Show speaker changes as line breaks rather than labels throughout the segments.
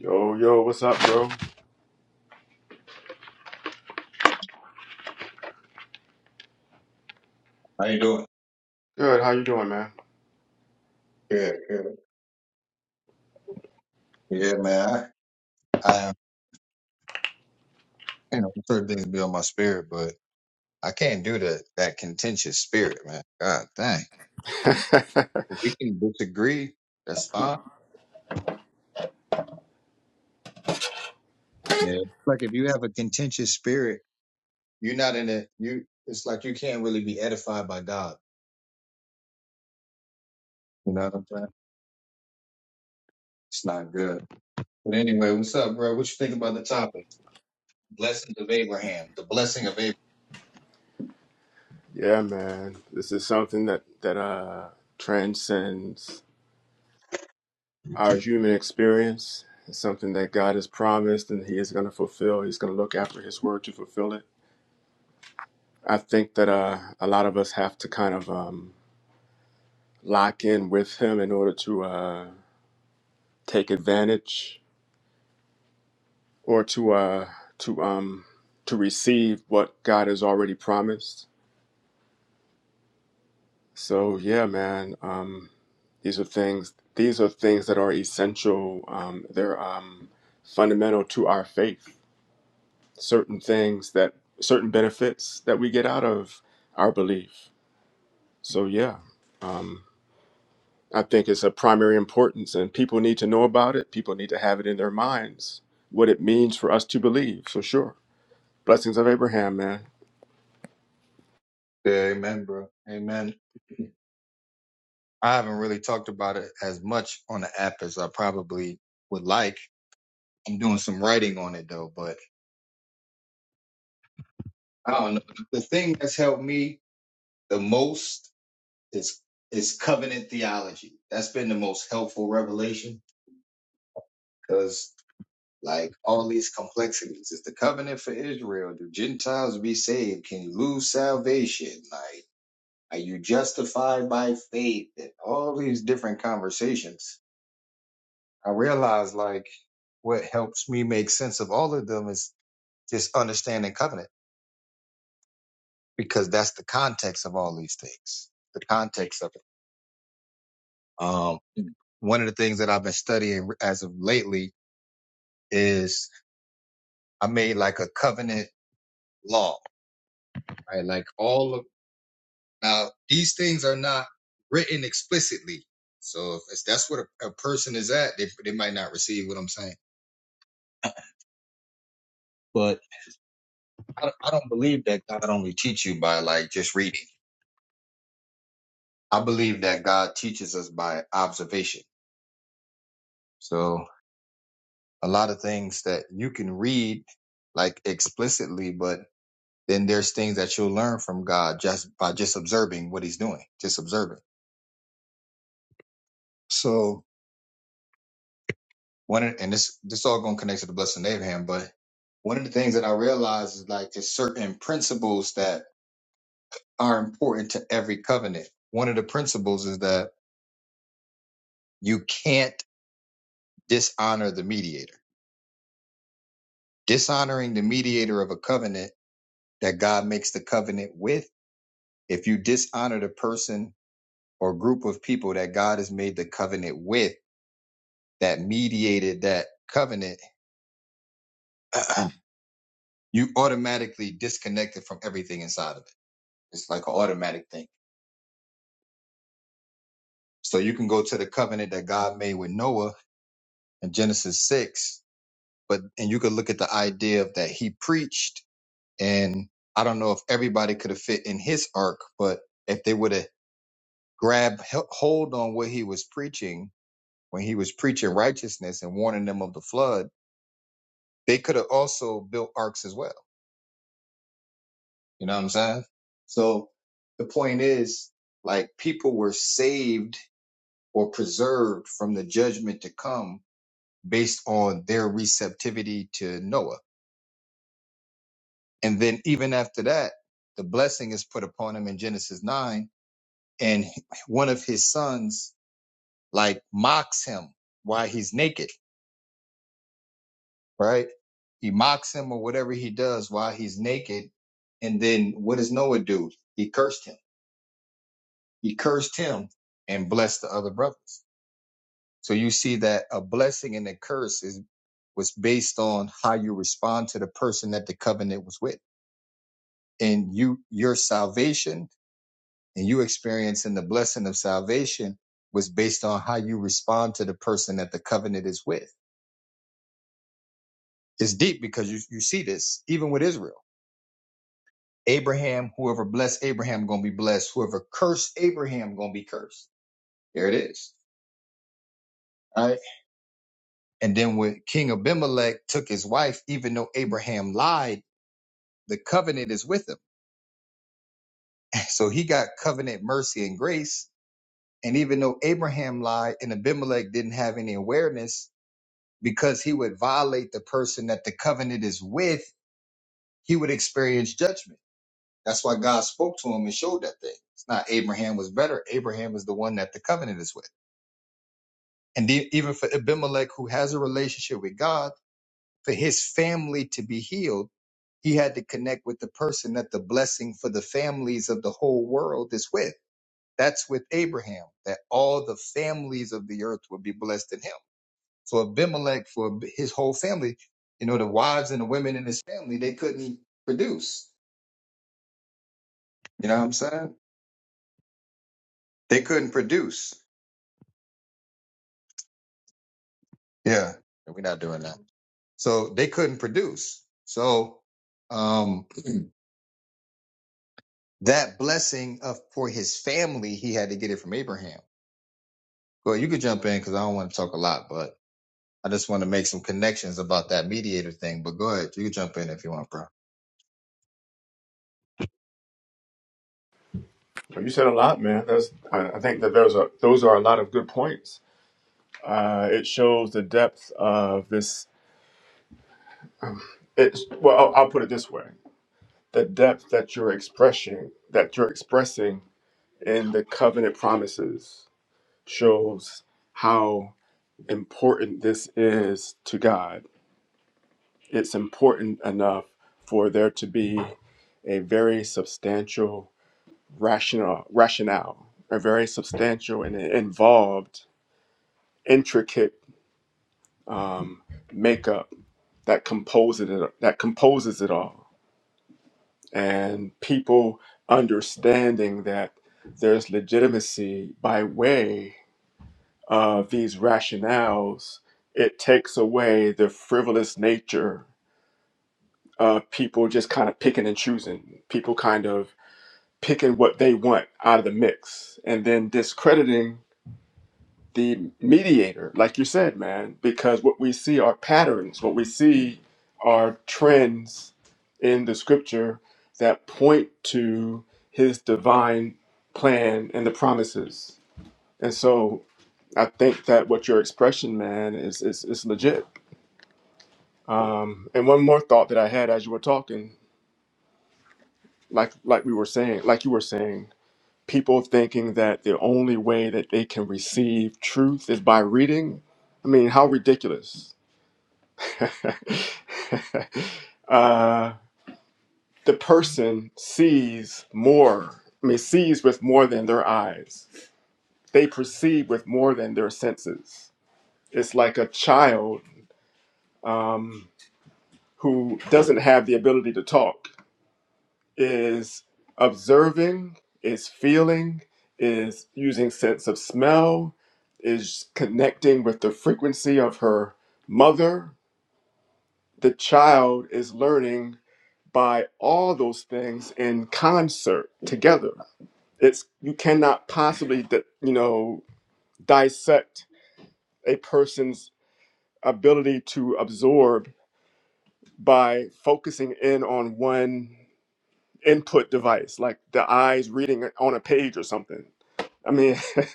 Yo, yo, what's up, bro?
How you doing?
Good. How you doing, man?
Good, good. Yeah, man. I, I you know, certain things be on my spirit, but I can't do that. That contentious spirit, man. God dang. If we can disagree, that's fine. Yeah. Like if you have a contentious spirit, you're not in it. You, it's like you can't really be edified by God. You know what I'm saying? It's not good. But anyway, what's up, bro? What you think about the topic? Blessings of Abraham. The blessing of Abraham.
yeah, man. This is something that that uh transcends our human experience. It's something that God has promised and he is going to fulfill. He's going to look after his word to fulfill it. I think that uh a lot of us have to kind of um lock in with him in order to uh take advantage or to uh to um to receive what God has already promised. So yeah, man. Um, these are things. These are things that are essential. Um, they're um, fundamental to our faith. Certain things that certain benefits that we get out of our belief. So yeah, um, I think it's of primary importance, and people need to know about it. People need to have it in their minds what it means for us to believe. So sure, blessings of Abraham, man.
Yeah, amen, bro. Amen. I haven't really talked about it as much on the app as I probably would like. I'm doing some writing on it though, but I don't know. The thing that's helped me the most is is covenant theology. That's been the most helpful revelation because like all these complexities. Is the covenant for Israel? Do Gentiles be saved? Can you lose salvation? Like are you justified by faith? And all these different conversations I realized like what helps me make sense of all of them is just understanding covenant because that's the context of all these things, the context of it. Um, one of the things that I've been studying as of lately is I made like a covenant law, right? Like all of now these things are not written explicitly. So if it's- that's what a, a person is at, they, they might not receive what I'm saying. But I, I don't believe that God only teach you by like just reading. I believe that God teaches us by observation. So a lot of things that you can read like explicitly, but then there's things that you'll learn from God just by just observing what he's doing, just observing. So one of- and this this all gonna connect to the blessing of Abraham, but one of the things that I realize is like there's certain principles that are important to every covenant. One of the principles is that you can't dishonor the mediator. Dishonoring the mediator of a covenant that God makes the covenant with. If you dishonor the person or group of people that God has made the covenant with, that mediated that covenant, you automatically disconnect it from everything inside of it. It's like an automatic thing. So you can go to the covenant that God made with Noah in Genesis 6, but and you could look at the idea of that he preached and I don't know if everybody could have fit in his ark, but if they would have grabbed he- hold on what he was preaching when he was preaching righteousness and warning them of the flood, they could have also built arcs as well. You know what I'm saying? So the point is, like, people were saved or preserved from the judgment to come based on their receptivity to Noah. And then even after that, the blessing is put upon him in Genesis 9, and one of his sons, like, mocks him while he's naked right? He mocks him or whatever he does while he's naked. And then what does Noah do? He cursed him. He cursed him and blessed the other brothers. So you see that a blessing and a curse is was based on how you respond to the person that the covenant was with. And you your salvation and you experiencing the blessing of salvation was based on how you respond to the person that the covenant is with. It's deep because you, you see this even with Israel Abraham, whoever blessed Abraham gonna be blessed. Whoever cursed Abraham gonna be cursed. There it is. All right. And then when King Abimelech took his wife, even though Abraham lied, the covenant is with him. So he got covenant mercy and grace. And even though Abraham lied and Abimelech didn't have any awareness, because he would violate the person that the covenant is with, he would experience judgment. That's why God spoke to him and showed that thing. It's not Abraham was better. Abraham is the one that the covenant is with. And the, even for Abimelech, who has a relationship with God, for his family to be healed, he had to connect with the person that the blessing for the families of the whole world is with. That's with Abraham, that all the families of the earth would be blessed in him. So Abimelech, for his whole family, you know, the wives and the women in his family, they couldn't produce. You know what I'm saying? They couldn't produce. Yeah. We're not doing that. So they couldn't produce. So, um, That blessing of for his family, he had to get it from Abraham. Well, you could jump in because I don't want to talk a lot, but I just want to make some connections about that mediator thing. But go ahead, you can jump in if you want, bro.
You said a lot, man. That's, I I think that there's a those are a lot of good points. Uh, it shows the depth of this. It's well, I'll, I'll put it this way: the depth that you're expressing, that you're expressing in the covenant promises, shows how important this is to God. It's important enough for there to be a very substantial rational rationale, a very substantial and involved, intricate um, makeup that composes it that composes it all, and people understanding that there's legitimacy by way of these rationales. It takes away the frivolous nature of people just kind of picking and choosing, people kind of picking what they want out of the mix, and then discrediting the mediator, like you said, man, because what we see are patterns, what we see are trends in the scripture that point to his divine plan and the promises. And so I think that what your expression, man, is is, is legit. Um, and one more thought that I had as you were talking, like like we were saying, like you were saying, people thinking that the only way that they can receive truth is by reading. I mean, how ridiculous uh, the person sees more, I mean, sees with more than their eyes. They perceive with more than their senses. It's like a child um, who doesn't have the ability to talk is observing, is feeling, is using sense of smell, is connecting with the frequency of her mother. The child is learning by all those things in concert together. It's you cannot possibly you know dissect a person's ability to absorb by focusing in on one input device like the eyes reading on a page or something I mean, it,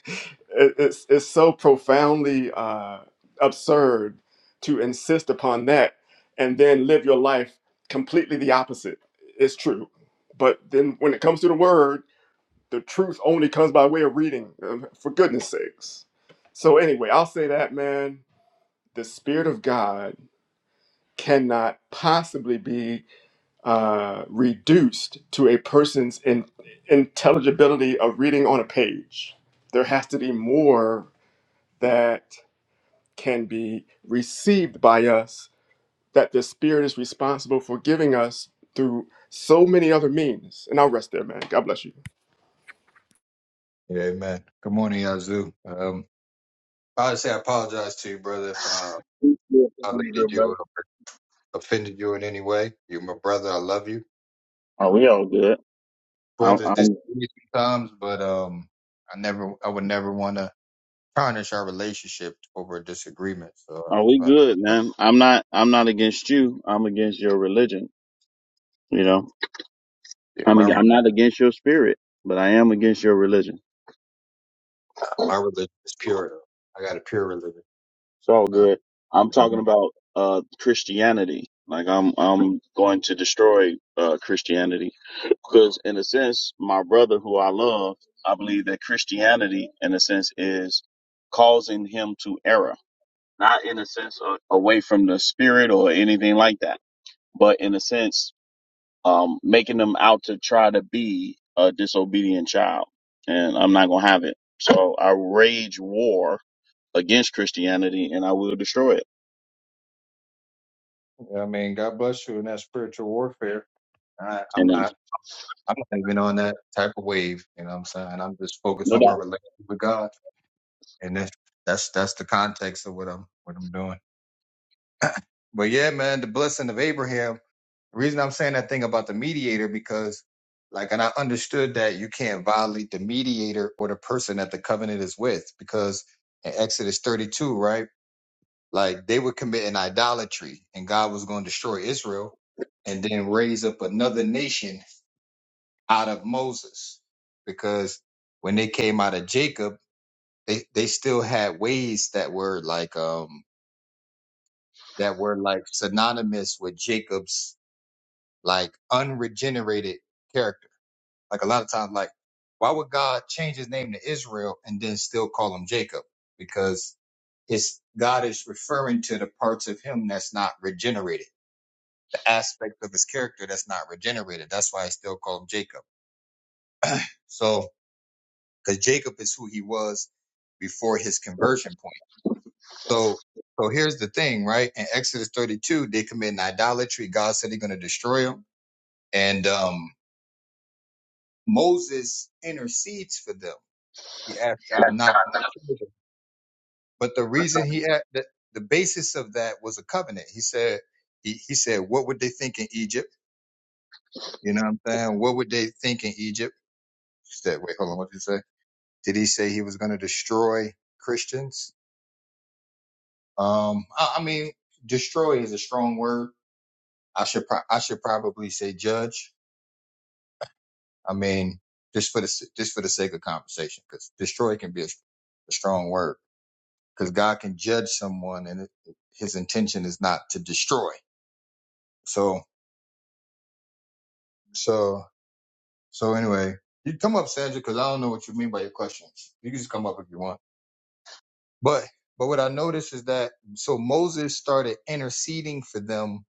it's it's so profoundly uh, absurd to insist upon that and then live your life completely the opposite. It's true, but then when it comes to the word, the truth only comes by way of reading. um, For goodness sakes. So anyway, I'll say that man, the spirit of God cannot possibly be uh, reduced to a person's in- intelligibility of reading on a page. There has to be more that can be received by us that the Spirit is responsible for giving us through so many other means. And I'll rest there, man. God bless you.
Yeah, amen. Good morning, Yazoo. Um, I would say I apologize to you, brother, if uh, I offended you or offended you in any way. You're my brother. I love you.
Are we all good? I'm,
brothers
I'm,
disagree sometimes, but um, I never, I would never want to tarnish our relationship over a disagreement. So,
are we
uh, so,
good,
uh,
man? I'm not. I'm not against you. I'm against your religion. You know,
yeah,
I'm. ag-
my
I'm not against your spirit, but I am against your religion.
my religion is pure. Though. I got a pure religion.
It's all
Uh,
good. I'm
you
talking
know,
about uh Christianity. Like I'm. I'm going to destroy uh Christianity because, in a sense, my brother who I love, I believe that Christianity, in a sense, is causing him to error. not in a sense of away from the spirit or anything like that, but in a sense, um, making them out to try to be a disobedient child. And I'm not going to have it. So I rage war against Christianity and I will destroy it.
I mean, God bless you in that spiritual warfare. I, I'm
Amen.
not, I'm not even on that type of wave. You know what I'm saying? I'm just focused
No
on my
doubt.
relationship with God, and that's that's that's the context of what I'm what I'm doing. But yeah, man, the blessing of Abraham. The reason I'm saying that thing about the mediator because like and I understood that you can't violate the mediator or the person that the covenant is with because in Exodus 32, right? Like they were committing idolatry and God was going to destroy Israel and then raise up another nation out of Moses because when they came out of Jacob, they, they still had ways that were like um that were like synonymous with Jacob's like unregenerated character Like a lot of times, like why would God change his name to Israel and then still call him Jacob? Because his God is referring to the parts of him that's not regenerated, the aspect of his character that's not regenerated. That's why I still call him Jacob. So, because Jacob is who he was before his conversion point. So, so here's the thing, right? In Exodus 32, they commit an idolatry. God said he's going to destroy them. And um, Moses intercedes for them. He asked God not to. destroy But the reason he had the, the basis of that was a covenant. He said, he, he said, what would they think in Egypt? You know what I'm saying? What would they think in Egypt? He said, wait, hold on. What did he say? Did he say he was going to destroy Christians? Um, I, I mean, destroy is a strong word. I should, pro- I should probably say judge. I mean, just for the, s- just for the sake of conversation, because destroy can be a, a strong word because God can judge someone and it, his intention is not to destroy. So, so So anyway, you come up, Sandra, because I don't know what you mean by your questions. You can just come up if you want. But but what I noticed is that so Moses started interceding for them,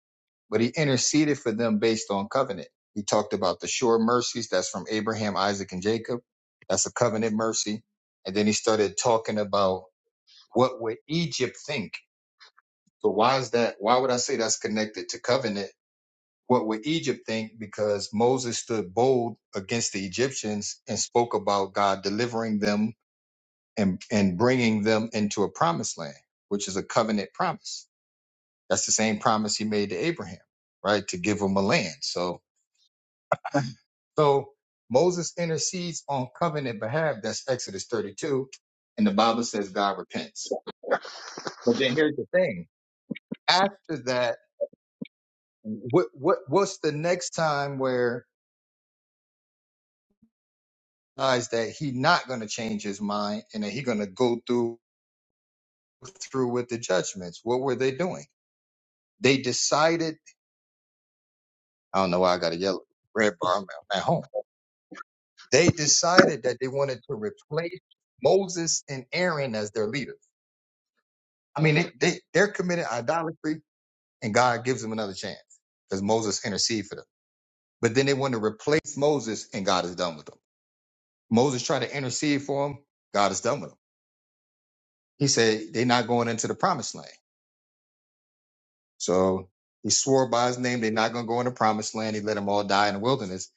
but he interceded for them based on covenant. He talked about the sure mercies that's from Abraham, Isaac, and Jacob. That's a covenant mercy. And then he started talking about what would Egypt think. So why is that? Why would I say that's connected to covenant? What would Egypt think? Because Moses stood bold against the Egyptians and spoke about God delivering them and, and bringing them into a promised land, which is a covenant promise. That's the same promise he made to Abraham, right? To give him a land. So, so Moses intercedes on covenant behalf. That's Exodus 32. And the Bible says God repents. But then here's the thing. After that, what, what, what's the next time where recognize that he not going to change his mind and that he going to go through through with the judgments. What were they doing? They decided. I don't know why I got a yellow red bar. I'm at home. They decided that they wanted to replace Moses and Aaron as their leaders. I mean, they, they they're committed idolatry, and God gives them another chance because Moses interceded for them. But then they want to replace Moses, and God is done with them. Moses tried to intercede for him. God is done with them. He said they're not going into the promised land. So he swore by his name they're not going to go into promised land. He let them all die in the wilderness.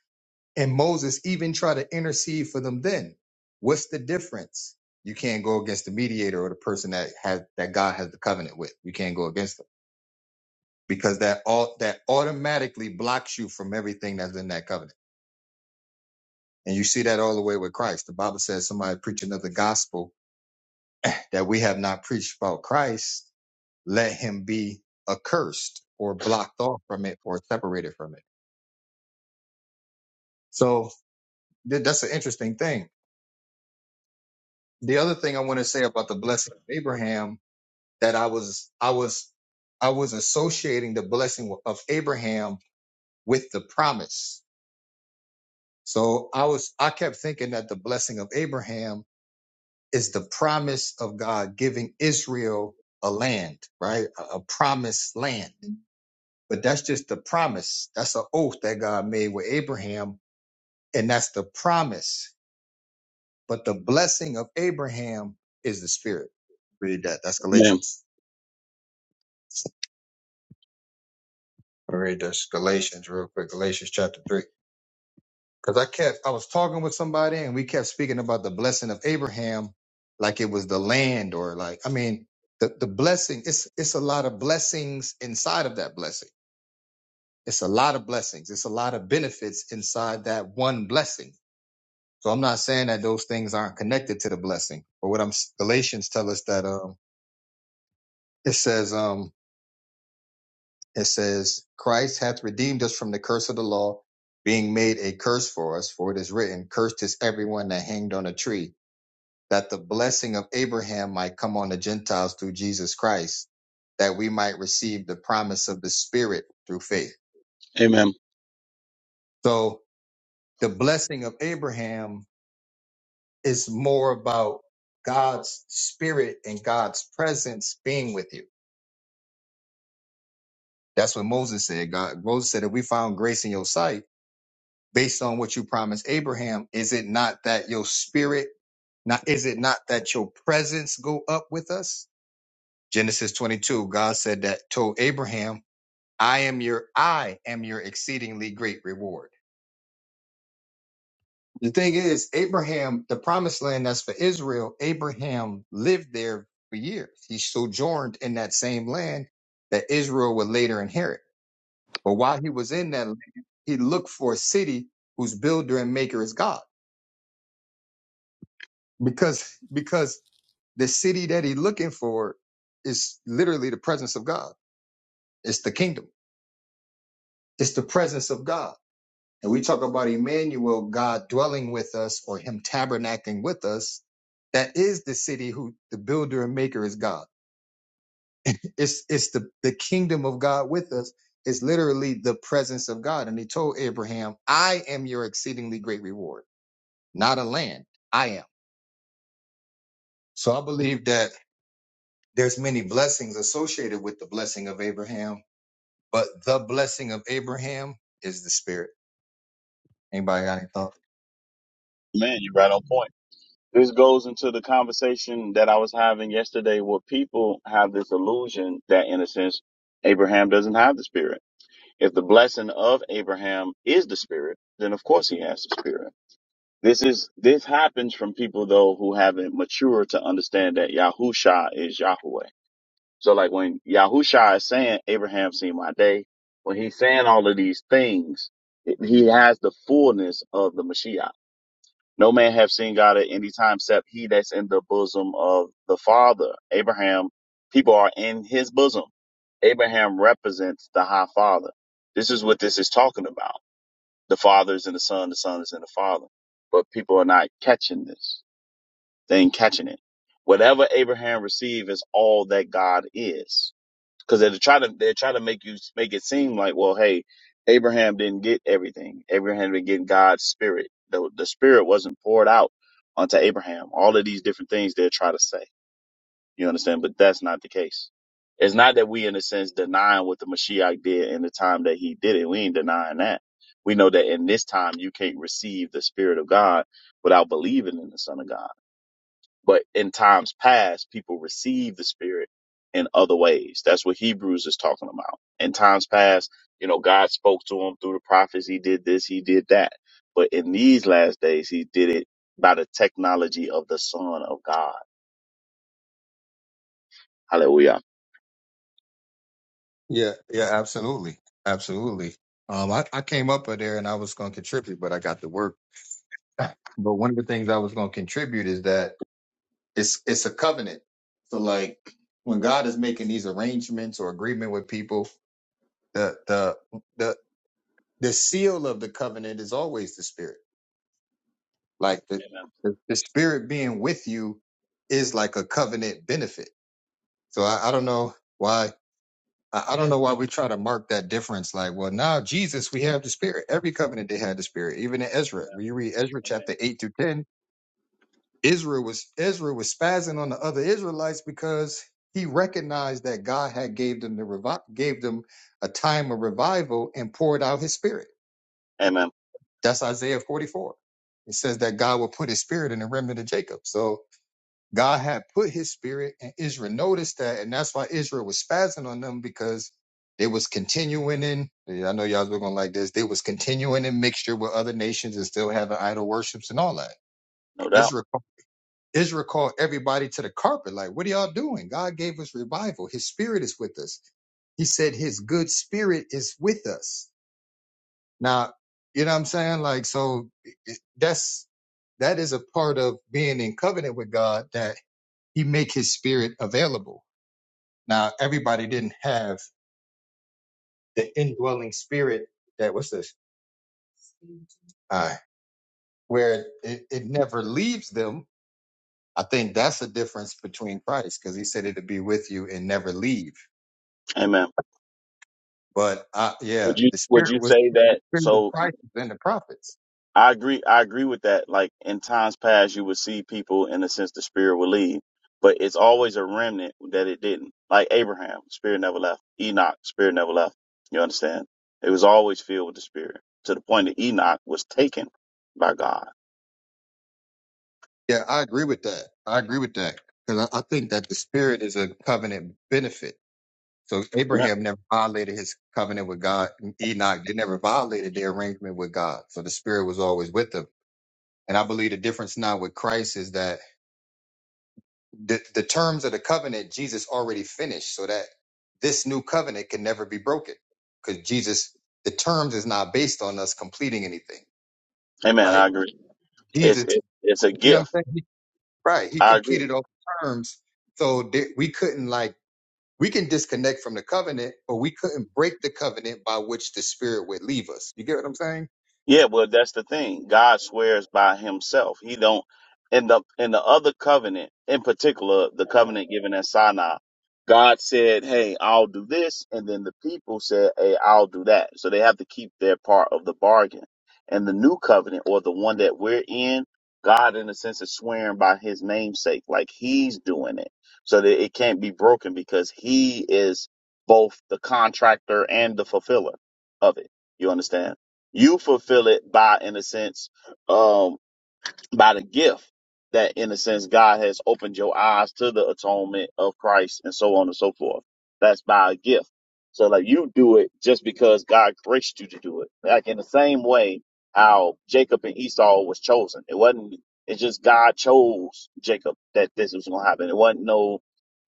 And Moses even tried to intercede for them then. What's the difference? You can't go against the mediator or the person that has that God has the covenant with. You can't go against them because that all that automatically blocks you from everything that's in that covenant. And you see that all the way with Christ. The Bible says somebody preach another gospel that we have not preached about Christ, let him be accursed or blocked off from it or separated from it. So Th- That's an interesting thing. The other thing I want to say about the blessing of Abraham that I was I was I was associating the blessing of Abraham with the promise. So I was I kept thinking that the blessing of Abraham is the promise of God giving Israel a land, right? A, a promised land. But that's just the promise. That's an oath that God made with Abraham, and that's the promise But the blessing of Abraham is the spirit. Read that. That's
Amen.
Galatians. Let me read this Galatians real quick. Galatians chapter three. Because I kept, I was talking with somebody and we kept speaking about the blessing of Abraham, like it was the land or like, I mean, the, the blessing, it's, it's a lot of blessings inside of that blessing. It's a lot of blessings. It's a lot of benefits inside that one blessing. So I'm not saying that those things aren't connected to the blessing, but what I'm, Galatians tell us that, um, it says, um, It says, Christ hath redeemed us from the curse of the law, being made a curse for us, for it is written, Cursed is everyone that hanged on a tree, that the blessing of Abraham might come on the Gentiles through Jesus Christ, that we might receive the promise of the Spirit through faith.
Amen.
So the blessing of Abraham is more about God's spirit and God's presence being with you. That's what Moses said. God, Moses said, if we found grace in your sight, based on what you promised Abraham, is it not that your spirit, not is it not that your presence go up with us? Genesis 22, God said that told Abraham, I am your I am your exceedingly great reward. The thing is, Abraham, the promised land that's for Israel, Abraham lived there for years. He sojourned in that same land that Israel would later inherit. But while he was in that land, he looked for a city whose builder and maker is God. because because the city that he's looking for is literally the presence of God. It's the kingdom. It's the presence of God. And we talk about Emmanuel, God dwelling with us or him tabernacling with us. That is the city who the builder and maker is God. It's it's the, the kingdom of God with us. It's literally the presence of God. And he told Abraham, I am your exceedingly great reward, not a land. I am. So I believe that There's many blessings associated with the blessing of Abraham, but the blessing of Abraham is the spirit. Anybody got any thoughts?
Man, you're right on point. This goes into the conversation that I was having yesterday where people have this illusion that, in a sense, Abraham doesn't have the spirit. If the blessing of Abraham is the spirit, then of course he has the spirit. This is, this happens from people though who haven't matured to understand that Yahusha is Yahweh. So like when Yahusha is saying, Abraham seen my day, when he's saying all of these things, it- he has the fullness of the Mashiach. No man have seen God at any time except he that's in the bosom of the Father. Abraham, people are in his bosom. Abraham represents the high father. This is what this is talking about. The father is in the son, the son is in the father. But people are not catching this. They ain't catching it. Whatever Abraham received is all that God is because they're trying to they're trying to make you make it seem like well hey abraham didn't get everything abraham didn't get god's spirit the, the spirit wasn't poured out onto abraham all of these different things they're trying to say you understand but that's not the case it's not that we in a sense denying what the mashiach did in the time that he did it we ain't denying that we know that in this time you can't receive the spirit of god without believing in the son of god but in times past, people received the Spirit in other ways. That's what Hebrews is talking about. In times past, you know, God spoke to him through the prophets. He did this, he did that. But in these last days, he did it by the technology of the Son of God. Hallelujah.
Yeah, yeah, absolutely. Absolutely. Um, I, I came up with there and I was gonna contribute, but I got to work. But one of the things I was gonna contribute is that it's it's a covenant. So like when God is making these arrangements or agreement with people, the the the the seal of the covenant is always the spirit Like the,
Amen.
the, the spirit being with you is like a covenant benefit. So I, I don't know why I, I don't know why we try to mark that difference. Like, well, now Jesus, we have the spirit. Every covenant they had the spirit. Even in Ezra, when you read Ezra
Amen. Amen.
chapter eight through ten, Israel was Ezra was spazzing on the other Israelites because he recognized that God had gave them the revi- gave them a time of revival and poured out his spirit.
Amen.
That's Isaiah 44. It says that God will put his spirit in the remnant of Jacob. So God had put his spirit and Israel noticed that, and that's why Israel was spazzing on them because they was continuing in. yeah, I know y'all looking like this. They was continuing in mixture with other nations and still having idol worships and all that.
No doubt.
Israel, Israel called everybody to the carpet. Like, what are y'all doing? God gave us revival. His spirit is with us. He said his good spirit is with us. Now, you know what I'm saying? Like, so it- that's, that is a part of being in covenant with God that he make his spirit available. Now, everybody didn't have the indwelling spirit that was this, uh, where it, it never leaves them. I think that's the difference between Christ because he said it'd be with you and never leave.
Amen.
But uh,
Would
yeah,
you
the
would
spirit
you
was
say
the
that?
spirit of
So
Christ and the prophets.
I agree. I agree with that. Like in times past, you would see people in a sense the spirit will leave, but it's always a remnant that it didn't. Like Abraham, spirit never left. Enoch, spirit never left. You understand? It was always filled with the spirit to the point that Enoch was taken by God.
Yeah, I agree with that. I agree with that because I, I think that the spirit is a covenant benefit So
Amen.
Abraham never violated his covenant with God. Enoch, they never violated their arrangement with God. So the Spirit was always with them. And I believe the difference now with Christ is that the, the terms of the covenant, Jesus already finished so that this new covenant can never be broken. Because Jesus, the terms is not based on us completing anything.
Amen. I
Like
agree. It's
Jesus,
it, it's a
you know what
gift.
I'm saying? He- Right. He
I agree.
completed all the terms. So there, we couldn't like We can disconnect from the covenant, but we couldn't break the covenant by which the spirit would leave us. You get what I'm saying?
Yeah, well, that's the thing. God swears by himself. He don't in the in the other covenant, in particular, the covenant given at Sinai, God said, Hey, I'll do this, and then the people said, Hey, I'll do that. So they have to keep their part of the bargain. And the new covenant or the one that we're in, God in a sense is swearing by his namesake, like he's doing it. So that it can't be broken because he is both the contractor and the fulfiller of it. You understand? you fulfill it by in a sense um by the gift that in a sense god has opened your eyes to the atonement of christ and so on and so forth that's by a gift so like you do it just because god graced you to do it like in the same way how jacob and esau was chosen it wasn't it's just god chose jacob that this was going to happen it wasn't no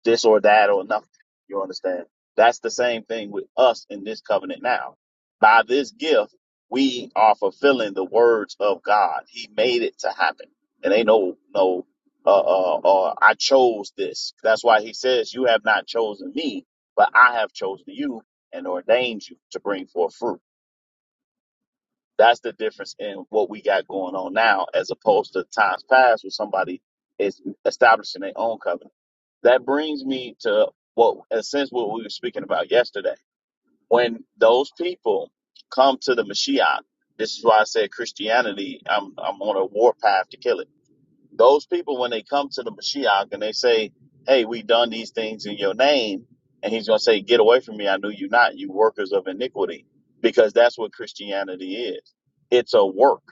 this or that or nothing you understand that's the same thing with us in this covenant now by this gift we are fulfilling the words of God. He made it to happen. It ain't no no uh uh, uh I chose this. That's why he says you have not chosen me, but I have chosen you and ordained you to bring forth fruit. That's the difference in what we got going on now as opposed to times past where somebody is establishing their own covenant. That brings me to what in a sense what we were speaking about yesterday when those people come to the Mashiach, this is why I said Christianity, I'm I'm on a war path to kill it. Those people, when they come to the Mashiach and they say, Hey, we done these things in your name, and he's going to say, Get away from me. I knew you not, you workers of iniquity, because that's what Christianity is. It's a work.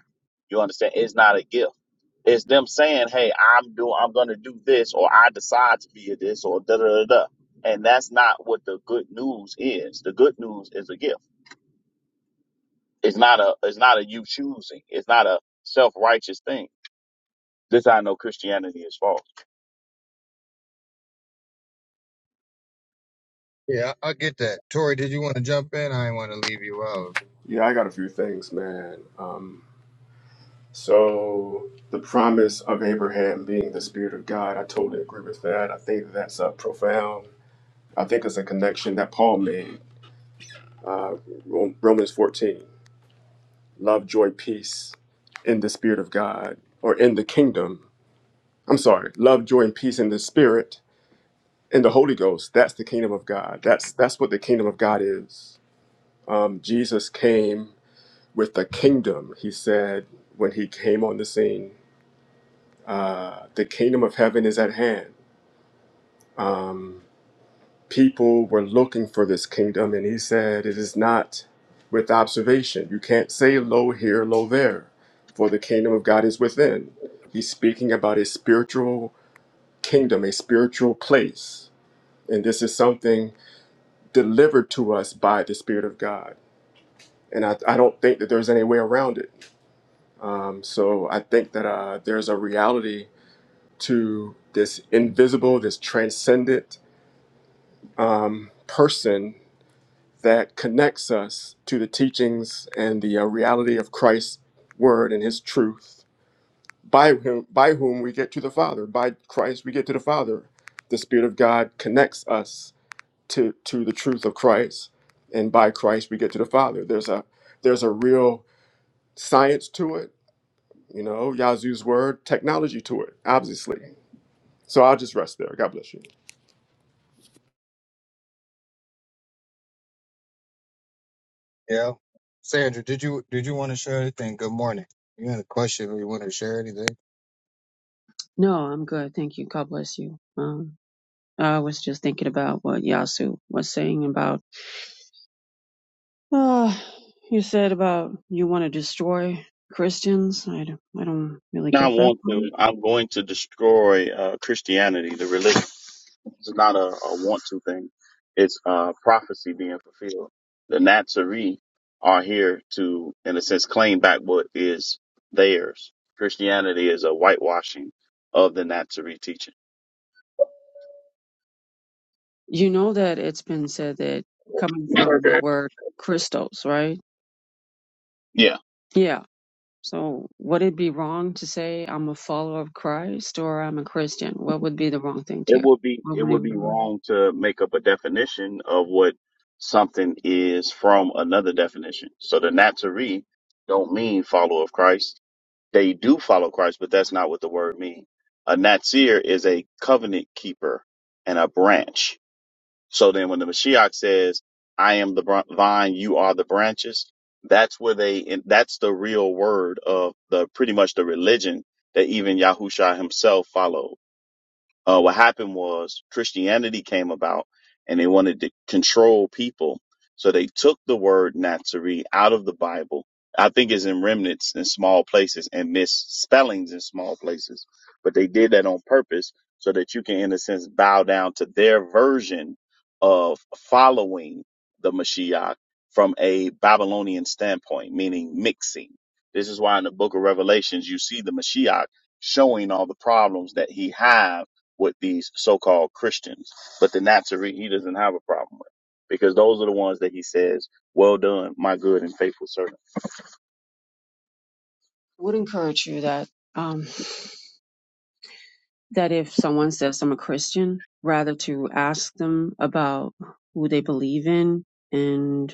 You understand? It's not a gift. It's them saying, "Hey, I'm doing, I'm going to do this, or I decide to be a this, or da da da da," and that's not what the good news is. The good news is a gift. It's not a, it's not a you choosing. It's not a self righteous thing. This I know Christianity is false.
Yeah, I I get that. Tori, did you want to jump in? I didn't want to leave you out.
Yeah, I got a few things, man. Um, so the promise of Abraham being the Spirit of God, I totally agree with that. I think that's uh, profound. I think it's a connection that Paul made Romans 14, love, joy, peace in the Spirit of God or in the kingdom. I'm sorry, love, joy, and peace in the Spirit, in the Holy Ghost. That's the kingdom of God. That's, that's what the kingdom of God is. Um, Jesus came with the kingdom, he said when he came on the scene. Uh, the kingdom of heaven is at hand. Um, people were looking for this kingdom, and he said, It is not with observation. You can't say low here, low there, for the kingdom of God is within. He's speaking about a spiritual kingdom, a spiritual place. And this is something delivered to us by the Spirit of God. And I, I don't think that there's any way around it. Um, so I think that uh, there's a reality to this invisible, this transcendent um, person that connects us to the teachings and the uh, reality of Christ's word and his truth, by whom, by whom we get to the Father. By Christ, we get to the Father. The Spirit of God connects us to, to the truth of Christ, and by Christ, we get to the Father. There's a, there's a real science to it, you know, Yazoo's word, technology to it, obviously. So I'll just rest there. God bless you.
Yeah. Sandra, did you did you want to share anything? Good morning. You had a question or you want to share anything?
No, I'm good. Thank you. God bless you. Um, I was just thinking about what Yasu was saying about, uh, you said about you want to destroy Christians. I don't, I don't really
not
get that
want
part.
to. I'm going to destroy uh, Christianity, the religion. It's not a, a want to thing. It's uh, prophecy being fulfilled. The Nazarene are here to, in a sense, claim back what is theirs. Christianity is a whitewashing of the Nazarene teaching.
You know that it's been said that coming from the
Okay.
word Christos, right?
Yeah.
Yeah. So would it be wrong to say I'm a follower of Christ or I'm a Christian? What would be the wrong thing to
It
hear?
would be
What
it
would be
would
the
be
wrong-
wrong to make up a definition of what something is from another definition. So the Nazarene don't mean follower of Christ They do follow Christ, but that's not what the word means. A Nazir is a covenant keeper and a branch. So then when the Mashiach says, I am the br- vine, you are the branches, that's where they, and that's the real word of the pretty much the religion that even Yahusha himself followed uh, what happened was Christianity came about and they wanted to control people. So they took the word Nazarene out of the Bible. I think it's in remnants in small places and misspellings in small places, but they did that on purpose so that you can, in a sense, bow down to their version of following the Mashiach from a Babylonian standpoint, meaning mixing. This is why in the book of Revelations, you see the Mashiach showing all the problems that he have with these so-called Christians, but the Nazarene he doesn't have a problem with because those are the ones that he says, "Well done, my good and faithful servant."
would encourage you that. um, that if someone says I'm a Christian, rather to ask them about who they believe in and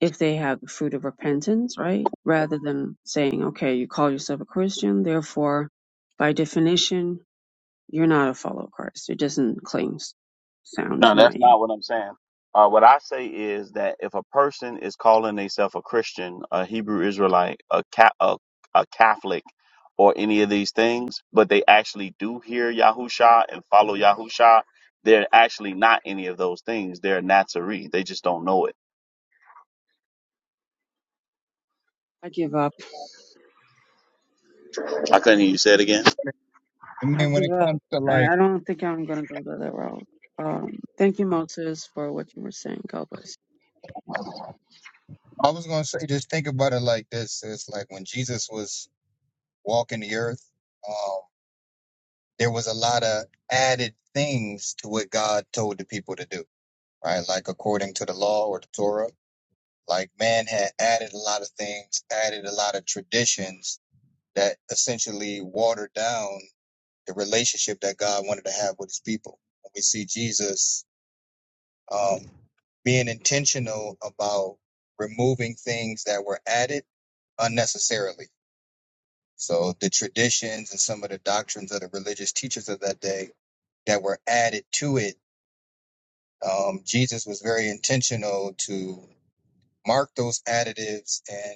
if they have the fruit of repentance, right? Rather than saying, okay, you call yourself a Christian, therefore, by definition, you're not a follower of Christ. It doesn't cling s- sound
No,
to my
that's
ear.
not what I'm saying. Uh, what I say is that if a person is calling themselves a Christian, a Hebrew Israelite, a, ca- a a Catholic, or any of these things, but they actually do hear Yahusha and follow Yahusha, they're actually not any of those things. They're Nazarene. They just don't know it.
I give up.
I couldn't hear you say it again.
I
I
mean, when
give
it
up.
comes to
I
like
I don't think I'm going to go to that route. Um, thank you, Moses, for what you were saying. God bless.
I was gonna say, just think about it like this: It's like when Jesus was walking the earth, um, there was a lot of added things to what God told the people to do, right? Like according to the law or the Torah, like man had added a lot of things, added a lot of traditions that essentially watered down the relationship that God wanted to have with His people. When we see Jesus um, being intentional about removing things that were added unnecessarily So the traditions and some of the doctrines of the religious teachers of that day that were added to it, um, Jesus was very intentional to mark those additives and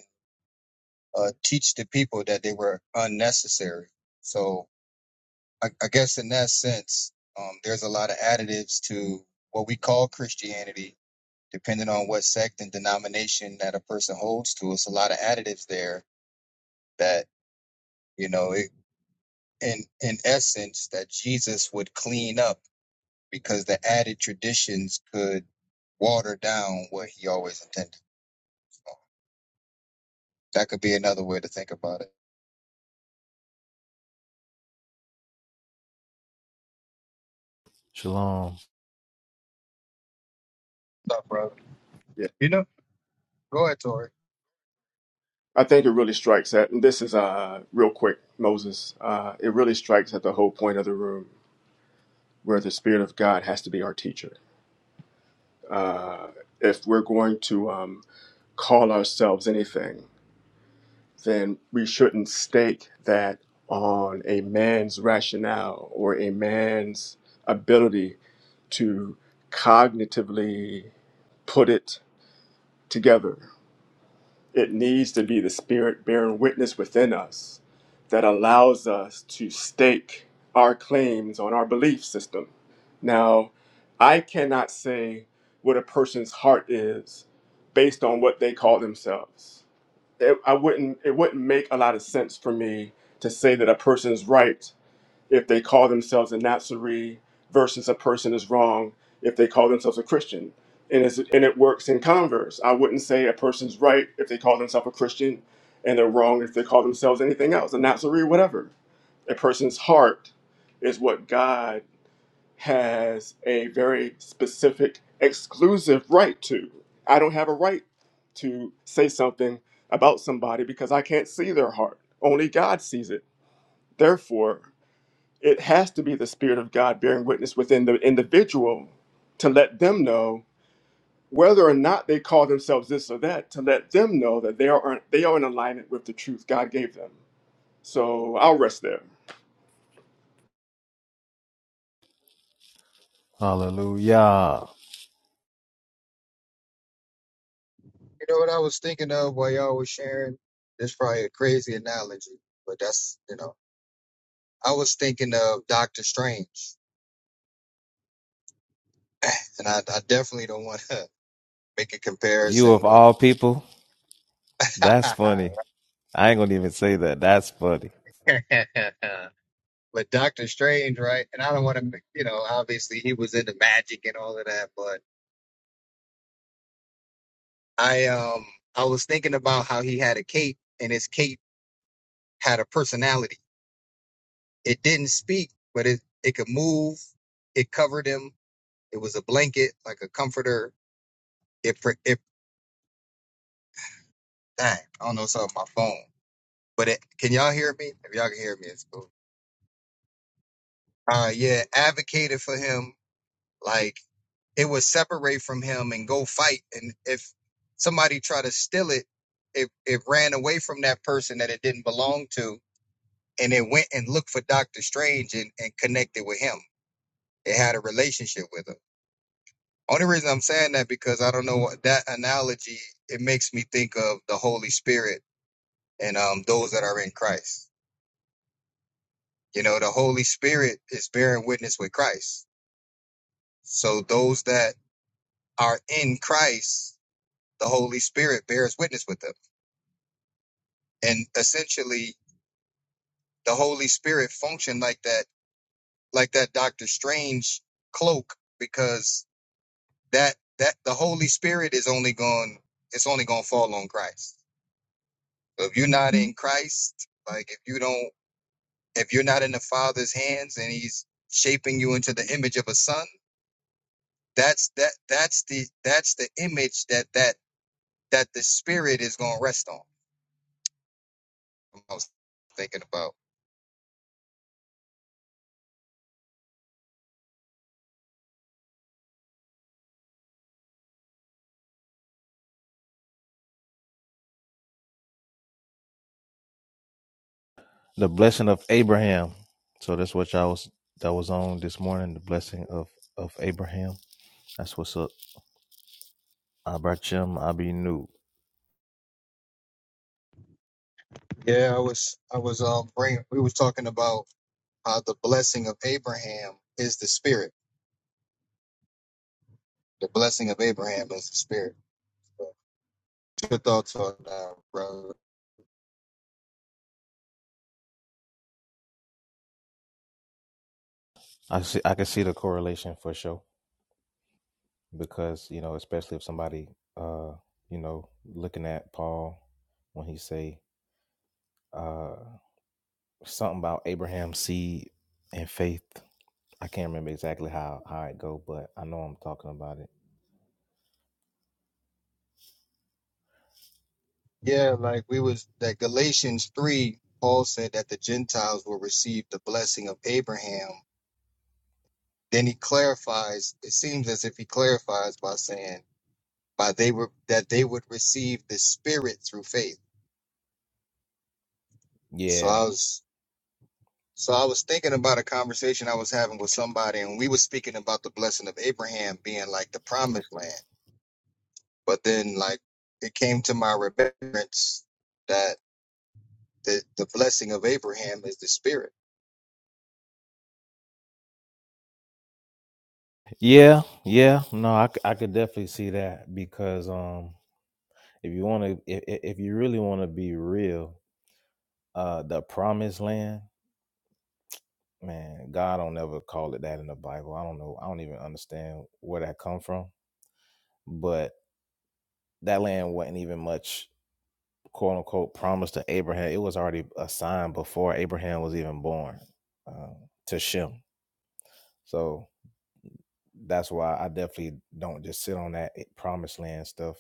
uh, teach the people that they were unnecessary. So I, I guess in that sense, um, there's a lot of additives to what we call Christianity, depending on what sect and denomination that a person holds to. It's a lot of additives there that you know, it, in in essence, that Jesus would clean up because the added traditions could water down what he always intended. So that could be another way to think about it.
Shalom.
What's up, brother?
Yeah.
You know, go ahead, Tori.
I think it really strikes at, and this is uh, real quick, Moses. Uh, it really strikes at the whole point of the room where the Spirit of God has to be our teacher. Uh, if we're going to um, call ourselves anything, then we shouldn't stake that on a man's rationale or a man's ability to cognitively put it together It needs to be the Spirit bearing witness within us that allows us to stake our claims on our belief system. Now, I cannot say what a person's heart is based on what they call themselves. It, I wouldn't, it wouldn't make a lot of sense for me to say that a person's right if they call themselves a Nazarene versus a person is wrong if they call themselves a Christian. And, it's, and it works in converse. I wouldn't say a person's right if they call themselves a Christian and they're wrong if they call themselves anything else, a Nazarene, whatever. A person's heart is what God has a very specific, exclusive right to. I don't have a right to say something about somebody because I can't see their heart. Only God sees it. Therefore, it has to be the spirit of god bearing witness within the individual to let them know whether or not they call themselves this or that to let them know that they are they are in alignment with the truth god gave them so i'll rest there
Hallelujah.
You know what I was thinking of while y'all was sharing? This probably a crazy analogy, but that's you know, I was thinking of Doctor Strange, and I, I definitely don't want to make a
You
comparison
of
with.
all people, that's funny. I ain't gonna even say that. That's funny.
But Doctor Strange, right? And I don't want to, you know, obviously he was into magic and all of that, but I um I was thinking about how he had a cape and his cape had a personality. It didn't speak, but it it could move. It covered him. It was a blanket, like a comforter. It pr- it dang, I don't know something on my phone. But it, can y'all hear me? If y'all can hear me, it's cool. Uh yeah, advocated for him like it would separate from him and go fight. And if somebody tried to steal it, it, it ran away from that person that it didn't belong to and it went and looked for Doctor Strange and, and connected with him. It had a relationship with him. Only reason I'm saying that because I don't know what- that analogy. It makes me think of the Holy Spirit and um those that are in Christ. You know, the Holy Spirit is bearing witness with Christ. So those that are in Christ, the Holy Spirit bears witness with them. And essentially, the Holy Spirit functioned like that, like that Doctor Strange cloak, because that that the Holy Spirit is only going it's only going to fall on Christ. So if you're not in Christ, like if you don't if you're not in the Father's hands and he's shaping you into the image of a son, that's that that's the that's the image that that that the spirit is going to rest on. I was thinking about.
The blessing of Abraham. So that's what y'all was that was on this morning. The blessing of of Abraham. That's what's up. Abraham Abinu.
Yeah, I was I was um bringing we was talking about how the blessing of Abraham is the spirit. The blessing of Abraham is the spirit. Good thoughts on that, brother.
I see. I can see the correlation for sure because you know, especially if somebody, uh, you know, looking at Paul when he say uh something about Abraham's seed and faith. I can't remember exactly how how it go, but I know I'm talking about it.
Yeah, like we was that Galatians 3, Paul said that the Gentiles will receive the blessing of Abraham. Then he clarifies, it seems as if he clarifies by saying by they were that they would receive the spirit through faith. So I
Yeah,
was so I was thinking about a conversation I was having with somebody and we were speaking about the blessing of Abraham being like the promised land. But then like it came to my remembrance that the, the blessing of Abraham is the spirit.
yeah, yeah. No, I, c- I could definitely see that because um, if you want to, if, if if you really want to be real, uh, the promised land, man, God don't never call it that in the Bible. I don't know. I don't even understand where that come from, but that land wasn't even much quote unquote promised to Abraham. It was already assigned before Abraham was even born uh, to Shem. So that's why I definitely don't just sit on that eh, promised land stuff.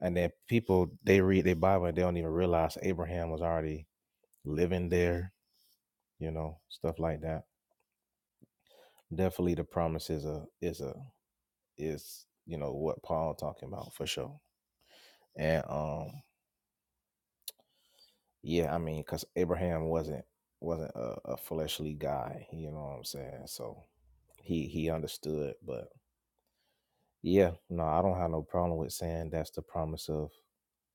And then people they read their Bible and they don't even realize Abraham was already living there, you know, stuff like that. Definitely the promise is a is a is you know what Paul talking about for sure. And um yeah, I mean because Abraham wasn't wasn't a, a fleshly guy, you know what I'm saying? So he he understood, but yeah, no, I don't have no problem with saying that's the promise of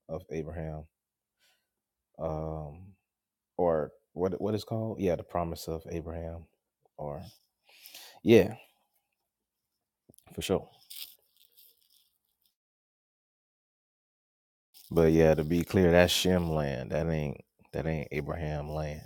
of Abraham. Um or what what is called? Yeah, the promise of Abraham, or yeah, for sure. But yeah, to be clear, that's Shem land. That ain't that ain't Abraham land.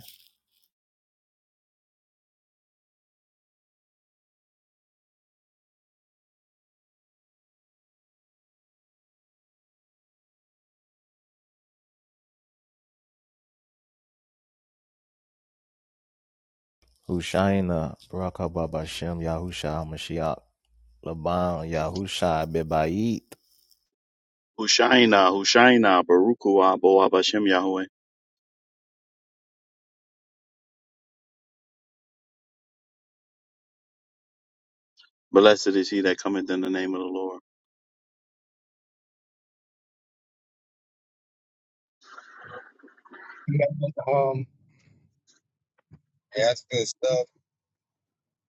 Hushaina Barak Haba Bashem Yahusha Mashiach Laban Yahusha Bebayit.
Hushaina, Hushaina, Barukua, Boab Hashem Yahweh. Blessed is he that cometh in the name of the Lord.
Yeah, um, Yeah, that's good stuff.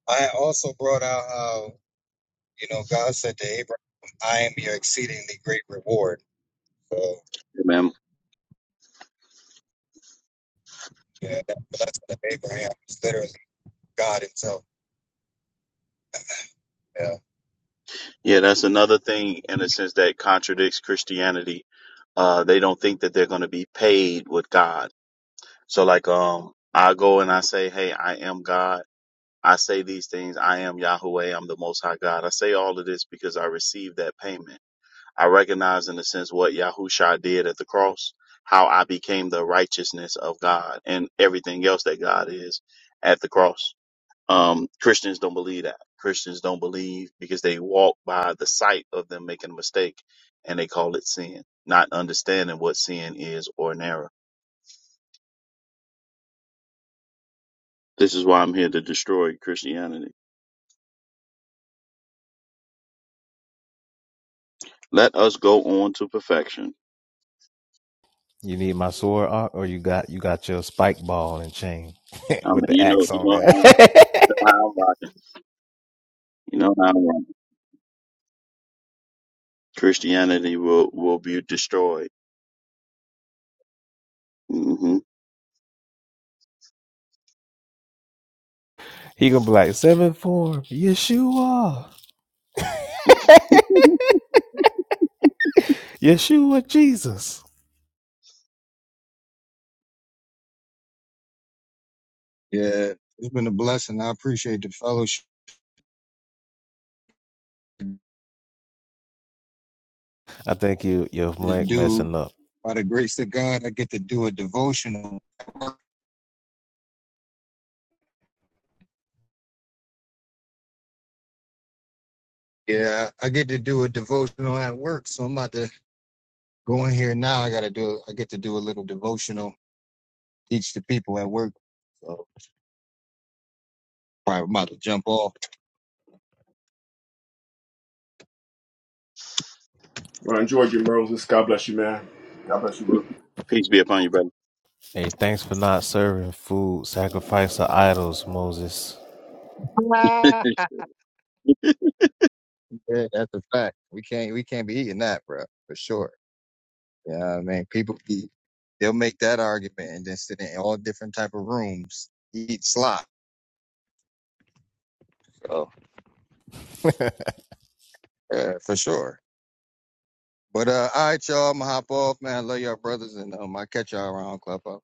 I also brought out how, you know, God said to Abraham, I am your exceedingly great reward. So,
Amen.
yeah, that blessing of Abraham is literally God himself. Yeah.
Yeah, that's another thing in a sense that contradicts Christianity. Uh, they don't think that they're going to be paid with God. So like, um, I go and I say, Hey, I am God. I say these things. I am Yahweh. I'm the most high God. I say all of this because I received that payment. I recognize in a sense what Yahusha did at the cross, how I became the righteousness of God and everything else that God is at the cross. Um, Christians don't believe that. Christians don't believe because they walk by the sight of them making a mistake and they call it sin, not understanding what sin is or an error. This is why I'm here to destroy Christianity. Let us go on to perfection.
You need my sword Ark, or you got you got your spike ball and chain
I mean,
with the
you know,
axe
you
on
know
there.
how, you know how I'm rocking. You know how I'm rocking. Christianity will, will be destroyed. hmm
he gonna be like seven form Yeshua, Yeshua Jesus.
Yeah, it's been a blessing. I appreciate the fellowship to
I think you your mic
do.
messing up.
By the grace of God, I get to do a devotional. Yeah, I get to do a devotional at work. So I'm about to go in here now. I got to do, I get to do a little devotional, teach the people at work. So probably about to jump off.
well enjoy your roses god bless you man god bless you bro
Peace be upon you, brother.
Hey, thanks for not serving food, sacrifice of idols, Moses.
Yeah, that's a fact. We can't we can't be eating that, bro, for sure. Yeah, you know what I mean, people be they'll make that argument and then sit in all different type of rooms, eat slop. So yeah, for sure. But uh, all right, y'all, I'm gonna hop off, man. I love y'all, brothers, and um, I catch y'all around club.